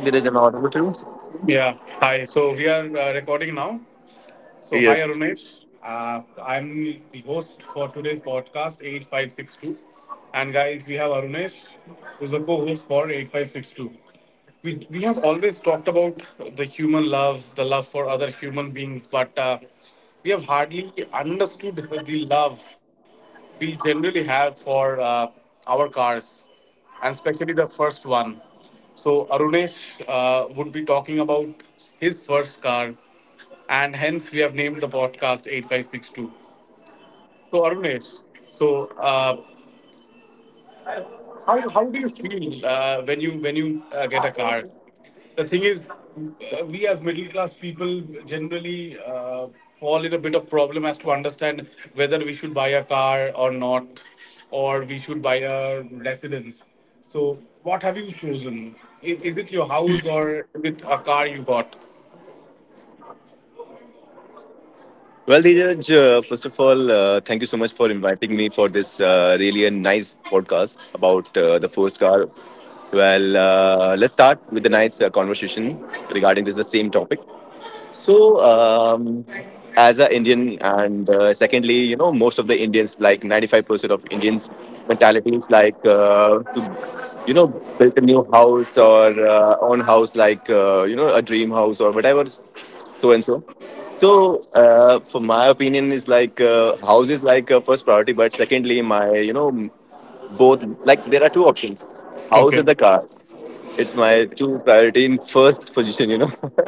Hi, Dheeraj. Am I audible too? Yeah. Hi. So we are recording now. So, hi Yes. Arunesh. I'm the host for today's podcast, 8562. And guys, we have Arunesh, who's the co host for 8562. We have always talked about the human love, the love for other human beings, but we have hardly understood the love we generally have for our cars, and especially the first one. So Arunesh would be talking about his first car, and hence we have named the podcast 8562. So arunesh so uh, how do you feel when you get a car? The thing is, we as middle class people generally fall in a bit of problem as to understand whether we should buy a car or not, or we should buy a residence. So what have you chosen? Is it your house, or is it a car you bought? Well, Dheeraj, first of all, thank you so much for inviting me for this really a nice podcast about the first car. Well, let's start with a nice conversation regarding this the same topic. So, as an Indian, and secondly, you know, most of the Indians, like 95% of Indians' mentality is like to, you know, build a new house or own house, like, you know, a dream house or whatever, so and so. So, for my opinion, is like house is like a first priority, but secondly, my, you know, both, like, there are two options house Okay. and the car. It's my two priority in first position, you know.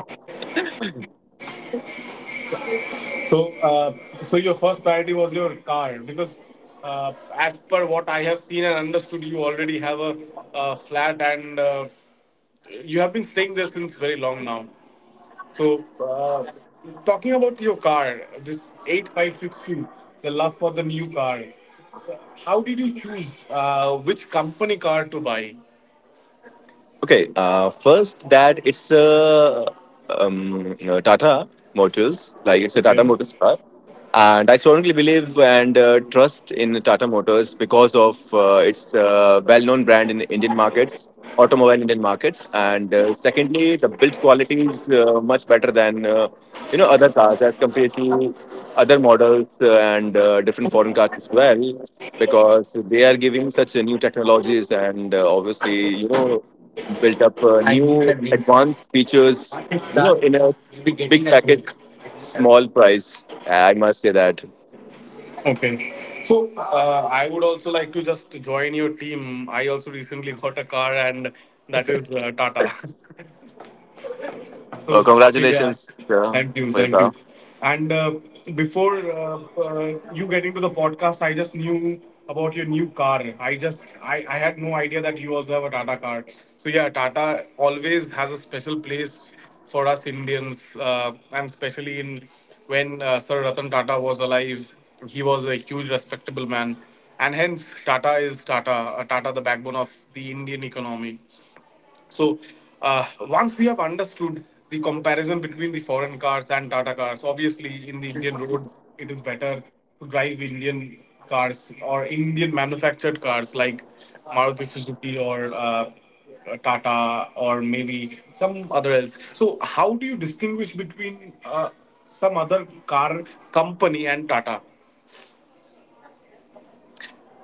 So, your first priority was your car because, as per what I have seen and understood, you already have a, flat, and you have been staying there since very long now. So, talking about your car, this 8562, the love for the new car. How did you choose which company car to buy? Okay, first that it's a you know, Tata Motors, like it's a Tata Okay. Motors car, and I strongly believe and trust in Tata Motors because of its well-known brand in Indian markets, automobile Indian markets, and secondly, the build quality is much better than you know other cars as compared to other models and different foreign cars as well because they are giving such new technologies and obviously you know built up I need the new link. advanced features, Once it's you know, done, in you'll be big getting a package, link. small price. I must say that. Okay. So I would also like to just join your team. I also recently got a car, and that is Tata. So yeah, Congratulations thank for your you, car. thank you. And before you getting to the podcast, I just knew about your new car. I had no idea that you also have a Tata car. So yeah, Tata always has a special place for us Indians, and especially in when Sir Ratan Tata was alive, he was a huge respectable man, and hence Tata is Tata. Tata, the backbone of the Indian economy. So once we have understood the comparison between the foreign cars and Tata cars, obviously in the Indian roads, it is better to drive Indian cars or Indian manufactured cars like Maruti Suzuki or Tata, or maybe some other else. So how do you distinguish between some other car company and Tata?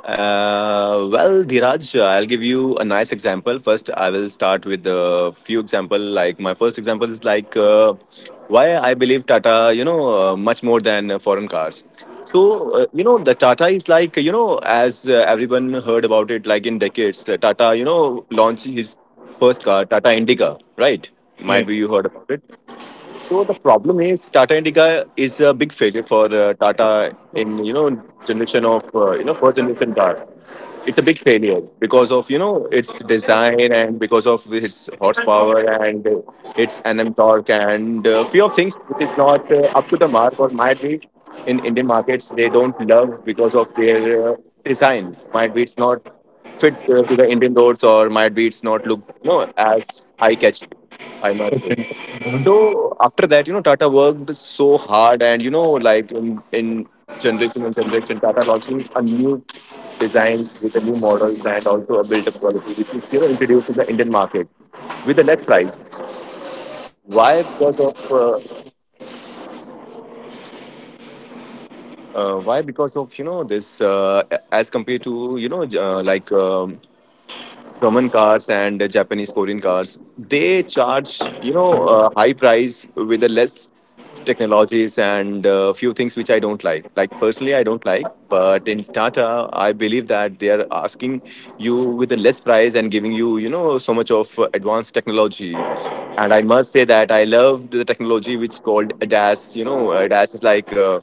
Well, Dhiraj, I'll give you a nice example. First, I will start with a few example. Like my first example is like why I believe Tata, you know, much more than foreign cars. So you know, the Tata is like you know, as everyone heard about it, like in decades, the Tata, you know, launched his first car, Tata Indica, right? Might be Yes. you heard about it. So the problem is Tata Indica is a big failure for Tata in you know generation of you know first generation car. It's a big failure because of you know its design and because of its horsepower and its nm torque and a few of things which is not up to the mark, or might be in Indian markets they don't love because of their design. Might be it's not fit to the Indian roads, or might be it's not look you know as eye catching, I might say. So after that, you know, Tata worked so hard, and you know, like in generation and generation, Tata launching a new designed with a new model and also a built-up quality, which is you know introduced in the Indian market with a less price. Why? Because of why because of you know this as compared to you know like German cars and Japanese Korean cars, they charge you know a high price with the less technologies and few things which I don't like. Like personally, I don't like. But in Tata, I believe that they are asking you with a less price and giving you you know so much of advanced technology. And I must say that I loved the technology which called ADAS. You know, ADAS is like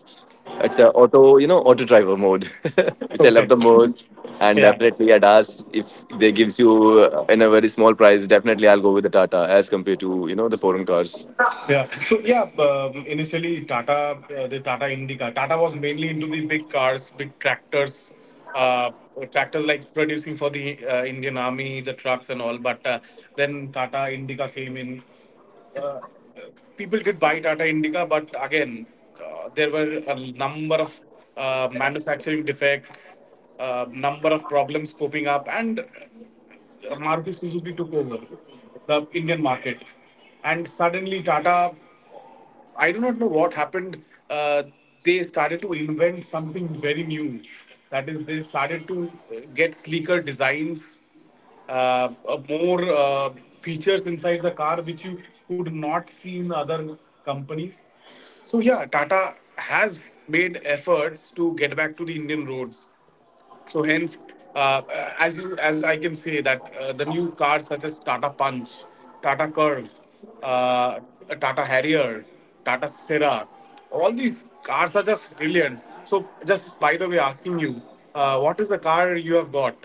it's a auto, you know, auto driver mode, which I love Okay. the most. And Yeah. definitely at us, if they gives you in a very small price, definitely I'll go with the Tata as compared to, you know, the foreign cars. Yeah. So yeah, initially Tata, the Tata Indica, Tata was mainly into the big cars, big tractors, uh, tractors like producing for the Indian Army, the trucks and all. But then Tata Indica came in. Uh, people did buy Tata Indica, but again, there were a number of manufacturing defects, number of problems popping up, and Maruti Suzuki took over the Indian market, and suddenly Tata. I do not know what happened. Uh, they started to invent something very new. That is, they started to get sleeker designs, more features inside the car which you could not see in other companies. So yeah, Tata has made efforts to get back to the Indian roads. So hence, uh, as you as I can say that the new cars such as Tata Punch, Tata Curve, uh, Tata Harrier, Tata Sera, all these cars are just brilliant. So just by the way, asking you, what is the car you have got?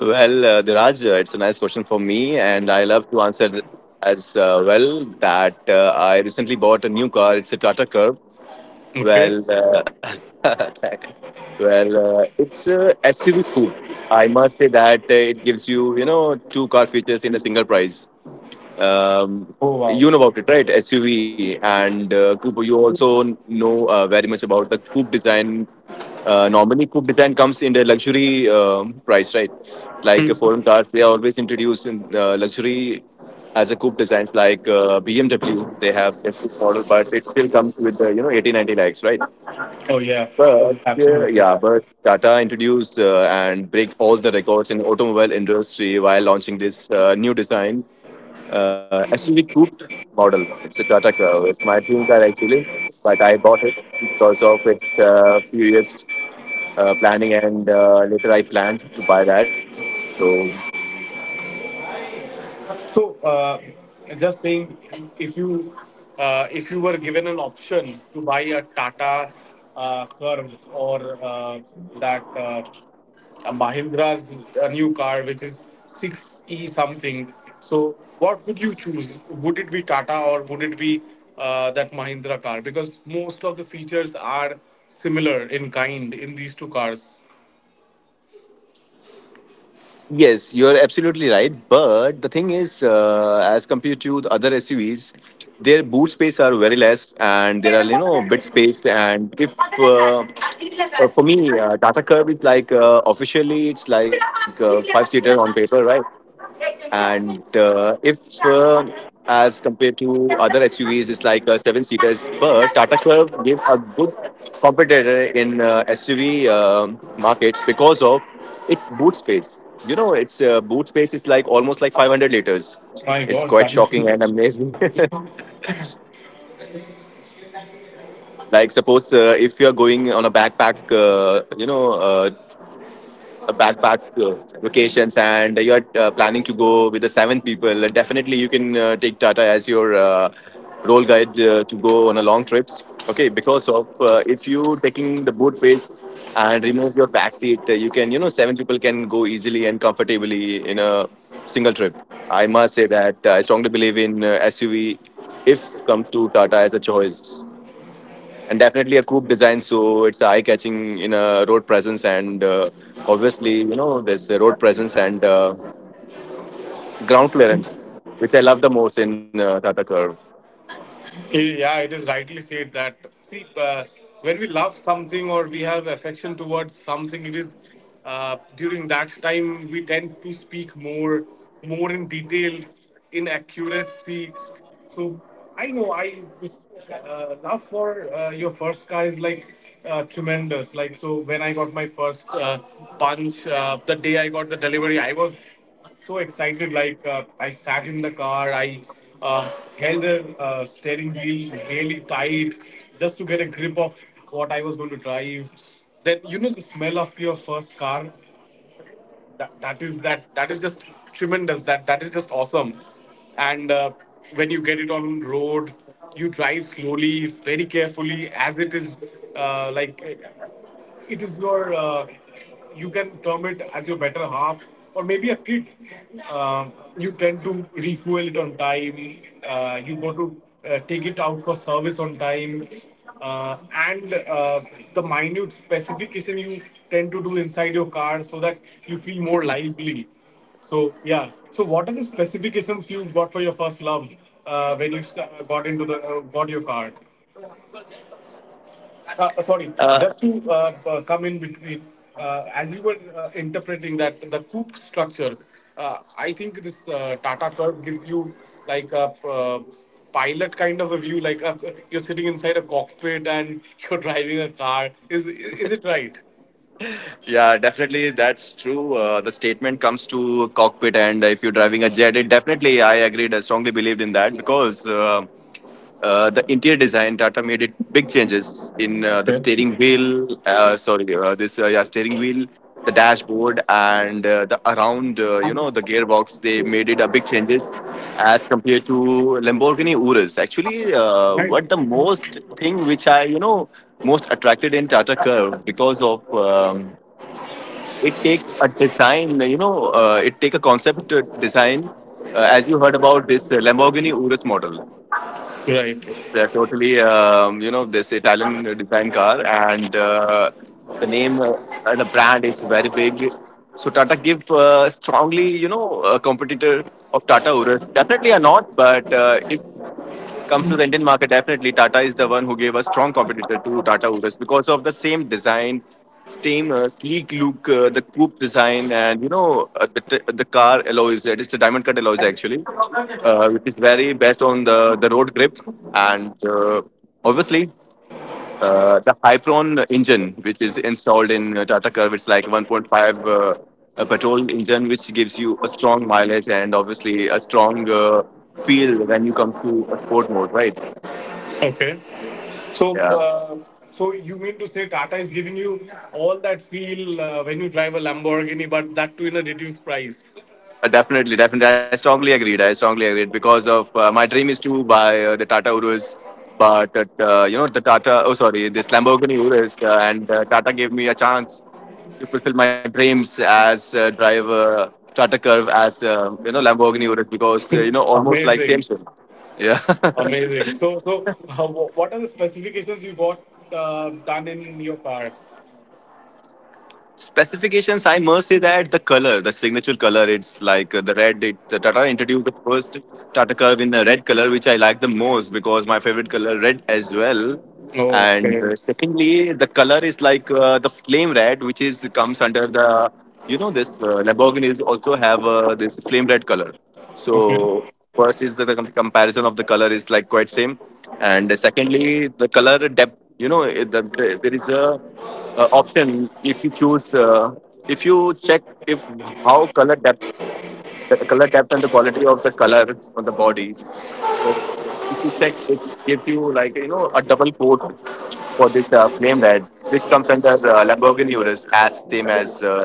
Well, Diraj, it's a nice question for me, and I love to answer as well that I recently bought a new car. It's a Tata Curve. Okay. Well, well, it's a SUV coupe. I must say that it gives you, you know, two car features in a single price. Um, Oh wow. you know about it, right? SUV and coupe. You also know very much about the coupe design. Normally, coupe design comes in the luxury price, right? Like foreign cars, they are always introduced in luxury as a coupe designs. Like BMW, they have a coupe model, but it still comes with you know 80, 90 lakhs, right? Oh yeah. But Absolutely. yeah, but Tata introduced and break all the records in automobile industry while launching this new design SUV coupe model. It's a Tata Curve. It's my dream car actually, but I bought it because of its few years planning, and later I planned to buy that. So So, just saying, if you if you were given an option to buy a Tata Curve, or that a Mahindra's new car, which is six e something, so what would you choose? Would it be Tata, or would it be that Mahindra car? Because most of the features are similar in kind in these two cars. yes, you're absolutely right. But the thing is, as compared to the other SUVs, their boot space are very less, and there are you know bit space. And if uh, for me, Tata Curve is like officially it's like five seater on paper, right? And if, as compared to other SUVs, it's like seven seaters, but Tata Curve gives a good competitor in SUV markets because of its boot space. You know, its boot space is like almost like 500 liters. My It's God, quite thank shocking you. and amazing. Like suppose if you are going on a backpack, you know, a backpack vacations and you're planning to go with the seven people, definitely you can take Tata as your role guide to go on a long trips. Okay, because of if you taking the boot pace and remove your back seat, you can you know seven people can go easily and comfortably in a single trip. I must say that I strongly believe in SUV if comes to Tata as a choice and definitely a coupe design so it's eye catching in a road presence and obviously you know there's a road presence and ground clearance which I love the most in Tata Curve. Yeah, it is rightly said that. See, when we love something or we have affection towards something, it is during that time we tend to speak more, more in details, in accuracy. So I know I this love for your first car is like tremendous. Like so, when I got my first punch, the day I got the delivery, I was so excited. Like I sat in the car, I uh, held the steering wheel really tight, just to get a grip of what I was going to drive. Then you know the smell of your first car. That is that is just tremendous. That is just awesome. And when you get it on road, you drive slowly, very carefully, as it is like it is your you can term it as your better half or maybe a kid. You tend to refuel it on time. You go to take it out for service on time. And The minute specification you tend to do inside your car so that you feel more lively. So yeah. So what are the specifications you got for your first love when you got into the got your car? Sorry, uh, just to come in between, as you were interpreting that the coupe structure, I think this Tata Curve gives you like a pilot kind of a view, you're sitting inside a cockpit and you're driving a car. Is it right? yeah, definitely that's true. The statement comes to cockpit, and if you're driving a jet, it definitely I agreed. I strongly believed in that because the interior design, Tata made it big changes in the Okay. steering wheel. Sorry, this yeah, steering wheel, the dashboard, and the around you know the gearbox. They made it a big changes as compared to Lamborghini Urus. Actually, Right. what the most thing which I you know most attracted in Tata Curve because of it take a design. You know, it take a concept design. As you heard about this Lamborghini Urus model. Right. It's totally, you know, this Italian design car, and the name, the brand is very big. So Tata give strongly, you know, a competitor of Tata Urus. Definitely are not, but if comes to the Indian market, definitely Tata is the one who gave a strong competitor to Tata Urus because of the same design, same sleek look, the coupe design, and you know the car alloys. It's a diamond cut alloys actually, which is very best on the road grip and. Obviously, the Hypron engine, which is installed in Tata Curve, it's like 1.5 a petrol engine, which gives you a strong mileage and obviously a strong feel when you come to a sport mode, right? Okay. So, Yeah. You mean to say Tata is giving you all that feel when you drive a Lamborghini, but that too in a reduced price? Definitely, definitely. I strongly agreed. I strongly agreed because of my dream is to buy the Tata Urus, but you know the Tata. Oh, sorry, this Lamborghini Urus, and Tata gave me a chance to fulfill my dreams as driver Tata Curve as you know Lamborghini Urus because you know almost like same Amazing. sim. Yeah. Amazing. So what are the specifications you got done in your car? Specifications, I must say that the color, the signature color, it's like the red it, the Tata introduced the first Tata Curve in the red color which I like the most because my favorite color red as well. And Okay. Secondly the color is like the flame red which is comes under the you know this Lamborghini is also have this flame red color. Okay. So first is the comparison of the color is like quite same, and secondly the color depth, you know there is a option if you choose if you check if how color depth, the color depth and the quality of the color on the body. So if you check, it gives you like you know a double coat for this flame red which comes under Lamborghini Urus as same as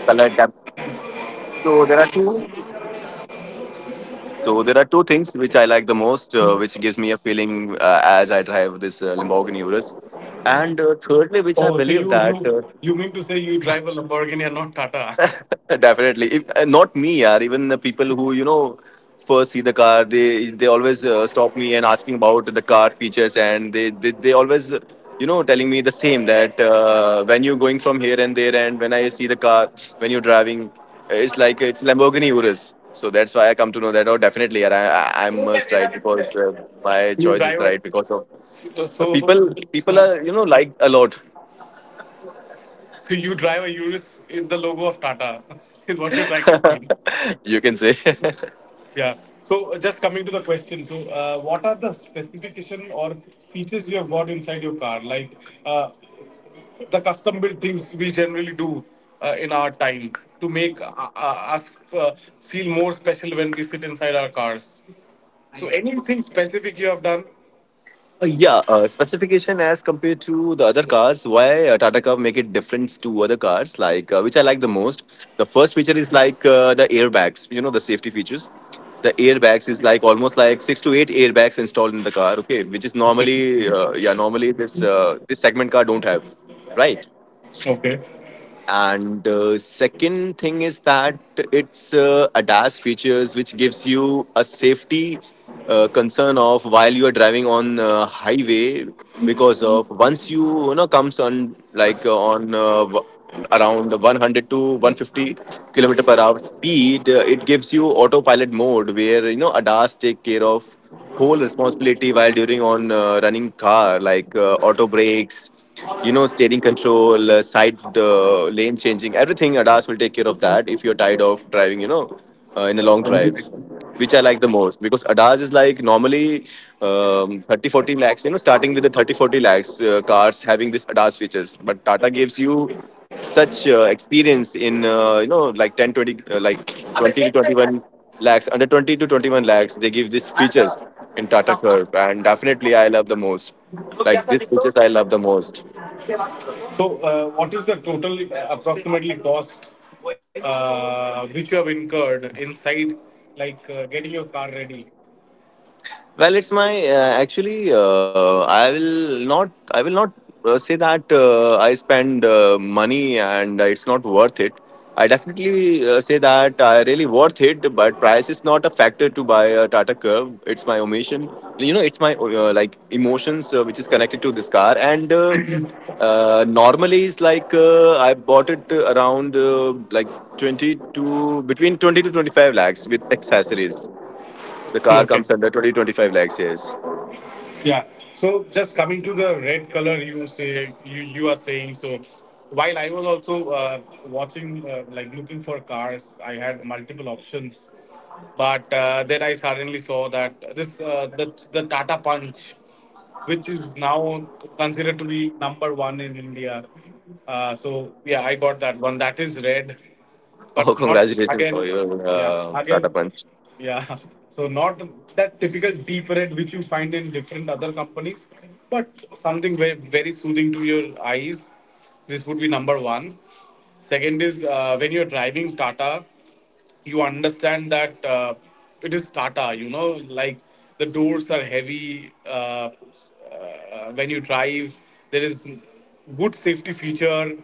color depth. So there are two So there are two things which I like the most, which gives me a feeling as I drive this Lamborghini Urus. And thirdly, which I Oh, so believe you you that you mean to say you drive a Lamborghini and not Tata? Definitely. If not me, yaar. Even the people who, you know, first see the car, they always stop me and asking about the car features, and they always, telling me the same that when you're going from here and there, and when I see the car, when you're driving, it's like it's Lamborghini Urus. So that's why I come to know that. Oh, definitely, yaar, I must ride because my So you choice is drive right because of a so so people. People are, you know, like a lot. so you drive a Urus in the logo of Tata is what you're trying to mean. You can say. Yeah. So just coming to the question. So what are the specification or features you have got inside your car? Like uh, the custom built things we generally do in our time to make us feel more special when we sit inside our cars. So, anything specific you have done? Yeah, specification as compared to the other cars, why Tata Curve make it difference to other cars, like which I like the most. The first feature is like the airbags, you know, the safety features. The airbags is like almost like six to eight airbags installed in the car, okay, which is Okay. normally, normally this segment car don't have, right? Okay. And second thing is that it's ADAS features which gives you a safety concern of while you are driving on highway because of once you you know comes on around 100 to 150 kilometer per hour speed, it gives you autopilot mode where you know ADAS take care of whole responsibility while during on running car like auto brakes, you know, steering control, side, lane changing, everything ADAS will take care of that if you're tired of driving, you know, in a long drive, which I like the most because ADAS is like normally, 30 40 lakhs, you know, starting with the 30 40 lakhs cars having this ADAS features, but Tata gives you such experience in you know, like 10 20 like 20 to 21 lakhs. Under 20 to 21 lakhs, they give these features in Tata Curve, and definitely I love the most. These features I love the most. So, what is the total approximately cost which you have incurred inside, like getting your car ready? Well, it's my actually I will not say that I spend money and it's not worth it. I definitely say that I really worth it, but price is not a factor to buy a Tata Curve. It's my emotion, you know, it's my emotions, which is connected to this car, and normally it's like I bought it around like 20 to 25 lakhs with accessories. The car Okay. comes under 20 25 lakhs, yes. Yeah. So just coming to the red color, you say you are saying so. While I was also watching, like looking for cars, I had multiple options, but then I suddenly saw that this the Tata Punch, which is now considered to be number one in India. So yeah, I got that one. That is red, Oh, but not congratulations for again. your Yeah, Tata again. Punch. Yeah. So not that typical deep red which you find in different other companies, but something very very soothing to your eyes. This would be number one. Second is when you're driving Tata, you understand that it is Tata. You know, like the doors are heavy. When you drive, there is good safety feature.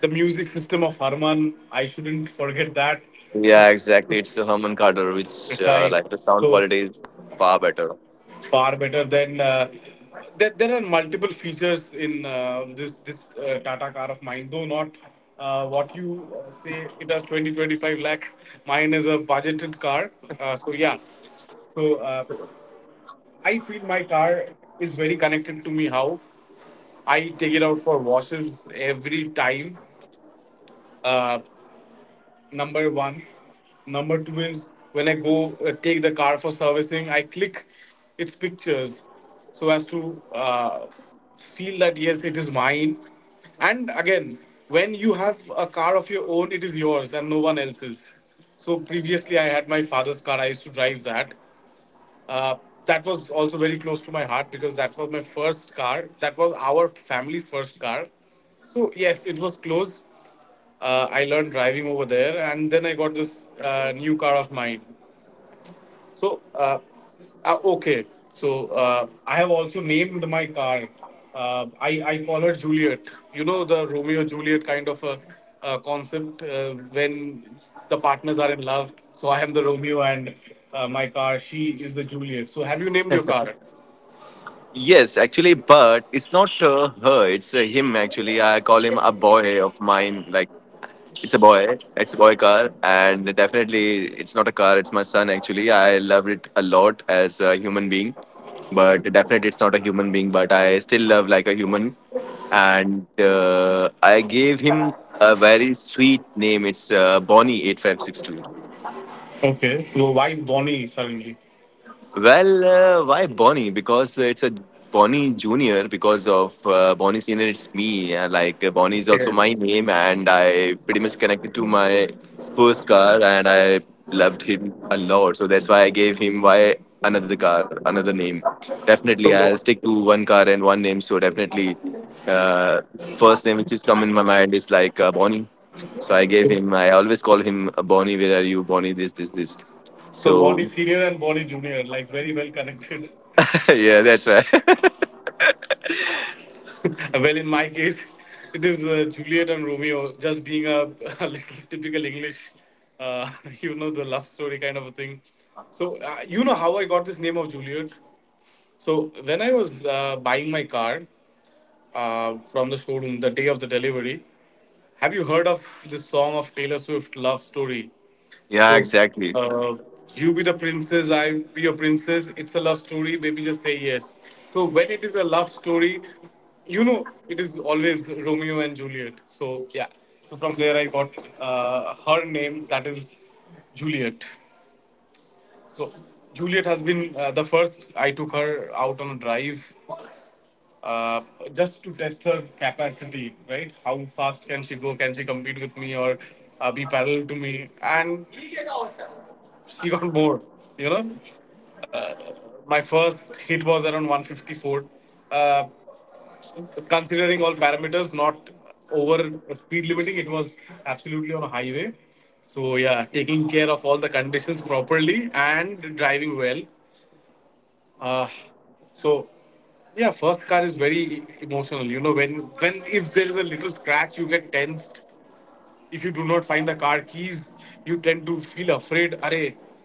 The music system of Harman, I shouldn't forget that. Yeah, exactly. It's a Herman Carter, which, Right. like, the sound So quality is far better. far better than there are multiple features in this tata car of mine, though not what you say, it has 20 to 25 lakh. Mine is a budgeted car. So yeah. So I feel my car is very connected to me, how I take it out for washes every time. Uh, Number one. Number two is, when I go take the car for servicing, I click its pictures so as to feel that yes, it is mine. And again, when you have a car of your own, it is yours and no one else's. So previously, I had my father's car. I used to drive that. Uh, that was also very close to my heart, because that was my first car. That was our family's first car. So yes, it was close. I learned driving over there, and then I got this new car of mine. So, okay. So, I have also named my car. I call her Juliet. You know, the Romeo Juliet kind of a concept when the partners are in love. So, I am the Romeo, and my car, she is the Juliet. So, have you named your car? Yes, actually, but it's not her, it's him, actually. I call him a boy of mine, like, it's a boy. It's a boy car, and definitely it's not a car. It's my son. Actually, I loved it a lot as a human being, but definitely it's not a human being. But I still love like a human, and I gave him a very sweet name. It's Bonnie 8562. Okay. So, why Bonnie suddenly? Well, why Bonnie? Because it's a Bonnie Junior. Because of Bonnie Senior, it's me. Bonnie is also Yeah. my name, and I pretty much connected to my first car, and I loved him a lot. So that's why I gave him, why another car, another name. Definitely, So, I'll stick to one car and one name. So definitely, uh, first name which is come in my mind is like Bonnie. So I gave him. I always call him Bonnie. Where are you, Bonnie? This, this, this. Bonnie So Senior and Bonnie Junior, like very well connected. yeah, that's right. Well, in my case, it is Juliet and Romeo, just being a, a little typical English, uh, you know, the love story kind of a thing. So, you know how I got this name of Juliet. So, when I was buying my car from the showroom the day of the delivery, have you heard of this song of Taylor Swift, Love Story? Yeah, So, exactly. uh, you be the princess, I be your princess. It's a love story. Baby, just say yes. So, when it is a love story, you know it is always Romeo and Juliet. So, yeah. So from there, I got her name. That is Juliet. So Juliet has been the first. I took her out on a drive uh, just to test her capacity, right? How fast can she go? Can she compete with me or be parallel to me? And she got bored, you know. Uh, my first hit was around 154. Uh, considering all parameters, not over speed limiting, it was absolutely on a highway. So yeah, taking care of all the conditions properly and driving well. Uh, so yeah, first car is very emotional. When if there is a little scratch, you get tensed if you do not find the car keys, you tend to feel afraid. Are,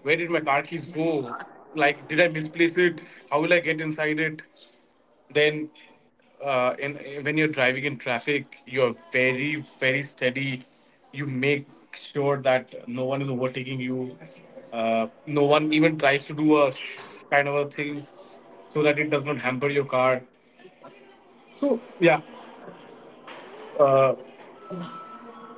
where did my car keys go? Like, did I misplace it? How will I get inside it? Then, uh, in, when you're driving in traffic, you're very, very steady. You make sure that no one is overtaking you. No one even tries to do a kind of a thing so that it does not hamper your car. So, yeah. uh,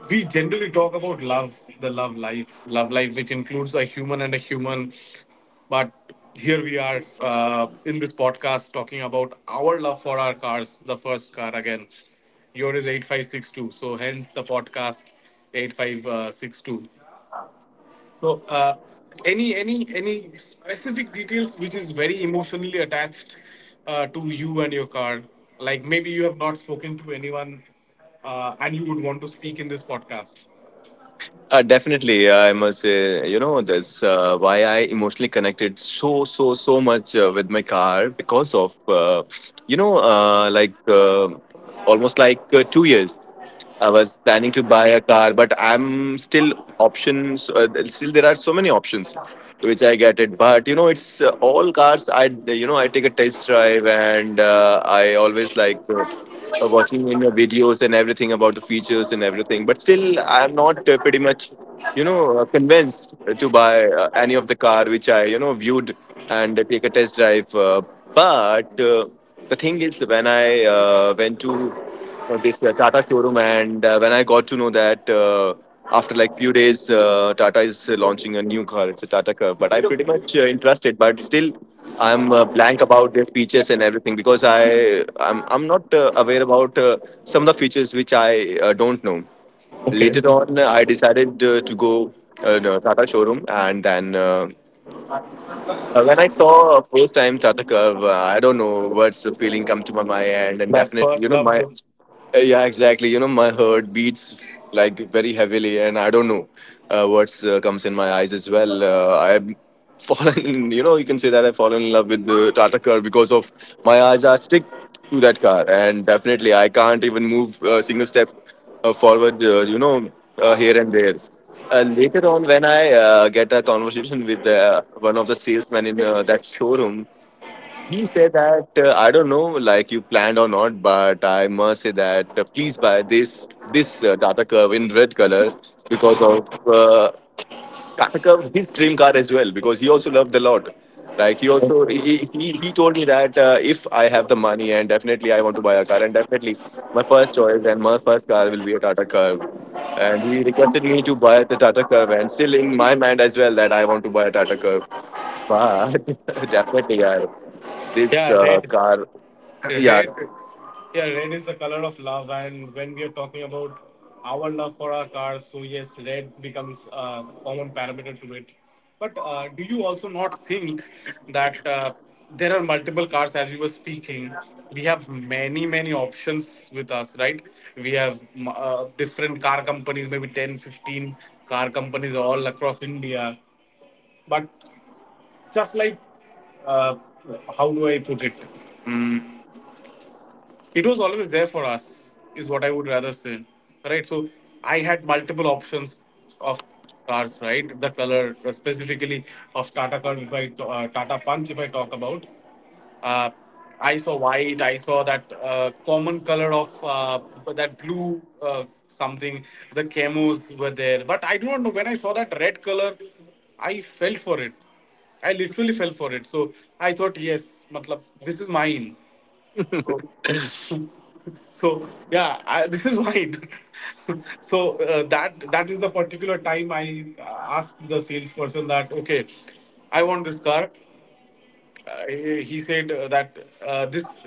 we generally talk about love, the love life, which includes a human and a human. But here we are in this podcast talking about our love for our cars, the first car again. Your is 8562. So hence the podcast 8562. So uh, any specific details which is very emotionally attached to you and your car? Like maybe you have not spoken to anyone and you would want to speak in this podcast. Definitely, yeah, I must say, you know, that's why I emotionally connected so much with my car because of, you know, uh, like uh, almost like 2 years. I was planning to buy a car, but I'm still options. Still, there are so many options which I get it. But you know, it's all cars. I you know I take a test drive, and I always like. Watching in your videos and everything about the features and everything. But still, I'm not pretty much, you know, convinced to buy any of the car which I, you know, viewed, and take a test drive. But the thing is, when I went to for this Tata showroom. And when I got to know that after like few days, Tata is launching a new car. It's a Tata Curve, but I pretty much interested. But still, I'm blank about the features and everything because I'm not aware about some of the features which I don't know. Okay. Later on, I decided to go no, Tata showroom, and then. When I saw first time Tata Curve, I don't know what's the feeling come to my mind, and That definitely, you first know, love my look. Yeah, exactly. You know, my heart beats like very heavily, and I don't know what comes in my eyes as well. I've fallen, you know, you can say that I've fallen in love with the Tata car because of my eyes are stick to that car, and definitely I can't even move a single step forward, here and there. Later on, when I get a conversation with one of the salesmen in that showroom, he said that I don't know, like you planned or not, but I must say that please buy this Tata Curve in red color because of Tata Curve his dream car as well because he also loved the lot. Like he also he told me that if I have the money and definitely I want to buy a car, and definitely my first choice and my first car will be a Tata Curve. And he requested me to buy the Tata Curve, and still in my mind as well that I want to buy a Tata Curve. But definitely, yeah, this Yeah, red. car, yeah, Red. Yeah, red is the color of love. And when we are talking about our love for our cars, so yes, red becomes a common parameter to it. But do you also not think that there are multiple cars as you were speaking? We have many, many options with us, right? We have different car companies, maybe 10, 15 car companies all across India. But just like, uh, how do I put it? Mm, it was always there for us, is what I would rather say. Right? So I had multiple options of cars, right? The color, specifically of Tata cars, if I, t- Tata Punch, if I talk about uh, I saw white. I saw that common color of that blue something. The camos were there, but I do not know when I saw that red color. I fell for it. I literally fell for it. So I thought, yes, matlab, this is mine. So, this is mine. So that is the particular time I asked the salesperson that okay, I want this car . He said that this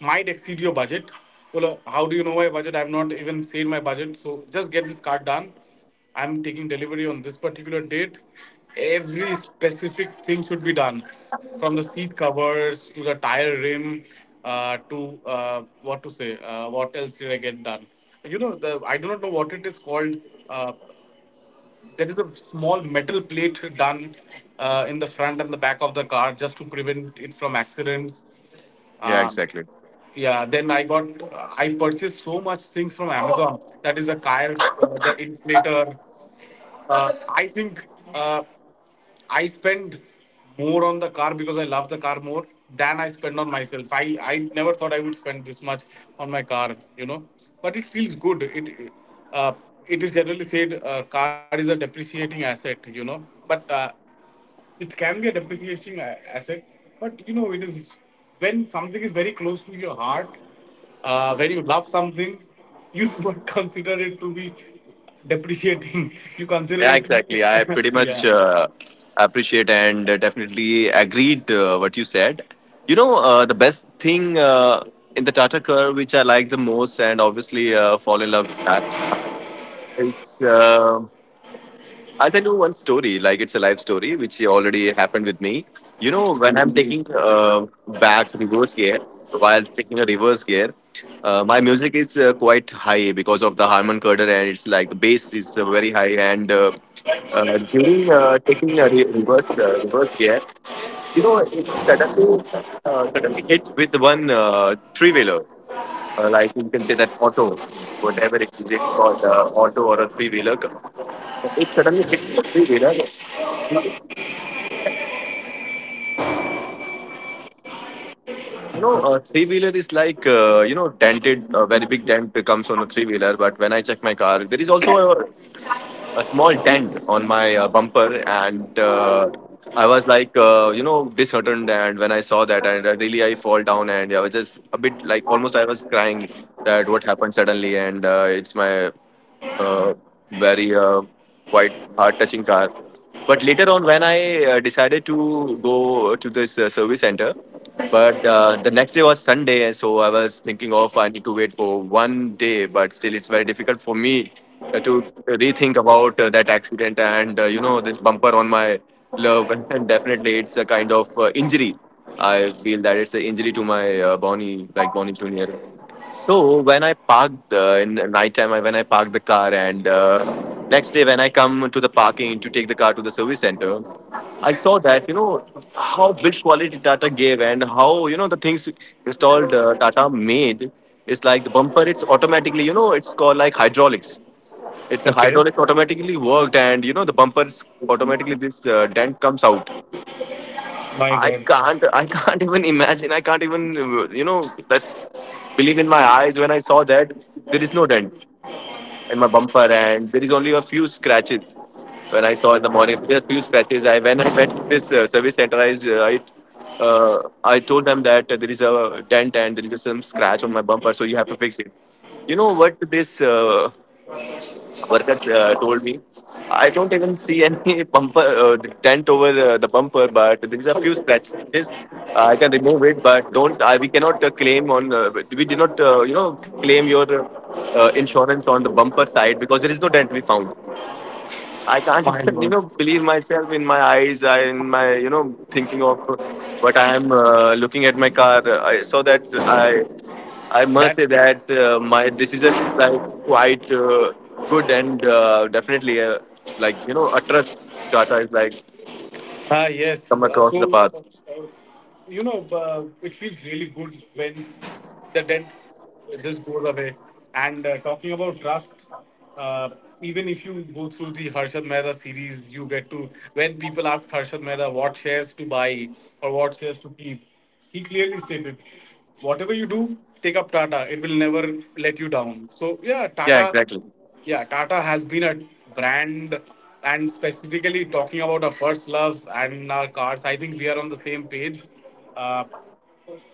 might exceed your budget. Well, how do you know my budget? I've not even said my budget. So just get this card done. I'm taking delivery on this particular date. Every specific thing should be done, from the seat covers to the tire rim, to what to say. What else did I get done? You know, the I do not know what it is called. Uh, there is a small metal plate done in the front and the back of the car just to prevent it from accidents. yeah, Uh, exactly, yeah, then I purchased so much things from Amazon. That is a car, the inflator. I think. Uh, I spend more on the car because I love the car more than I spend on myself. I never thought I would spend this much on my car, you know. But it feels good. Uh, it is generally said car is a depreciating asset, you know. But it can be a asset. But you know, it is when something is very close to your heart, when you love something, you do not consider it to be depreciating. You consider yeah, it exactly. I to pretty be yeah. much appreciate and definitely agreed what you said. You know, the best thing in the Tata Curve, which I like the most, and obviously fall in love with that, is. I'll tell you one story, like it's a life story, which already happened with me. You know, when I'm taking back reverse gear, while taking a reverse gear, my music is quite high because of the Harman Kardon, and it's like the bass is very high. And during taking a reverse gear, you know, it suddenly suddenly hit with one three wheeler, like you can say that auto, whatever it is it's called, auto or a three wheeler. It suddenly hit me, three wheeler. You know, a three wheeler is like you know dented. A very big dent comes on a three wheeler. But when I check my car, there is also a small dent on my bumper, and I was like you know disheartened. And when I saw that, and I really I fall down, and I was just a bit like almost I was crying that what happened suddenly, and it's my uh, very quite hard touching car. But later on, when I decided to go to this service center, but the next day was Sunday, and so I was thinking of I need to wait for one day. But still, it's very difficult for me to rethink about that accident, and you know, this bumper on my love. And definitely, it's a kind of injury. I feel that it's an injury to my Bonnie, like Bonnie Junior. So when I parked the in night time, I when I parked the car, and next day when I come to the parking to take the car to the service center, I saw that, you know, how build quality Tata gave, and how, you know, the things installed Tata made is like the bumper. It's automatically, you know, it's called like hydraulics. It's a Okay. hydraulics automatically worked, and you know the bumpers automatically this dent comes out. My I God, can't. I can't even imagine. I can't even you know that believe in my eyes when I saw that there is no dent in my bumper, and there is only a few scratches. When I saw in the morning, there are few scratches. I when I went to this service center, I, I told them that there is a dent and there is some scratch on my bumper, so you have to fix it. You know what this? Workers told me, I don't even see any bumper the dent over the bumper, but there is a few scratches. I can remove it, but don't we cannot claim on we did not you know claim your insurance on the bumper side because there is no dent we found. I can't my even you know God. believe myself in my eyes in my you know thinking of what I am looking at my car. I saw that i I must That, say that my decision is like quite good, and definitely like you know a trust data is like ah, yes. come across the path. uh, you know, it feels really good when the debt just goes away. And talking about trust, uh, even if you go through the Harshad Mehta series, you get to, when people ask Harshad Mehta what shares to buy or what shares to keep, he clearly stated, whatever you do, take up Tata. It will never let you down. So, yeah, Yeah, Tata. exactly, Yeah, Tata has been a brand, and specifically talking about our first love and our cars, I think we are on the same page. Uh,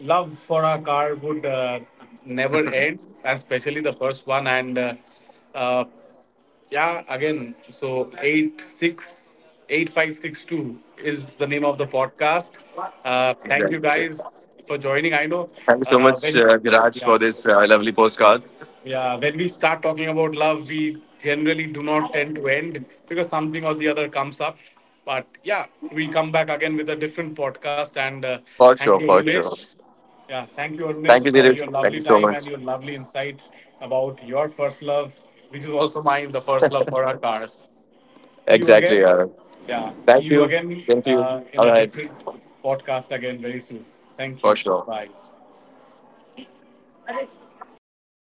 love for our car would never end, especially the first one. And uh, yeah, again, so 868562 is the name of the podcast. Thank you exactly. guys for joining. I know Thank you so much, when, Viraj, yeah. for this lovely postcard. Yeah, when we start talking about love, we generally do not tend to end because something or the other comes up. But yeah, we'll come back again with a different podcast. And For thank you, sure, for sure. Arunesh. Yeah, thank you, Arunesh, Thank you, for your Dheeraj. Thank lovely you so time and much. your lovely insight about your first love, which is also mine, the first love for our cars. See you again. Exactly. Yeah, see Thank you you. again Same to you. In All a right. different podcast again very soon. Thank For you. sure. Bye.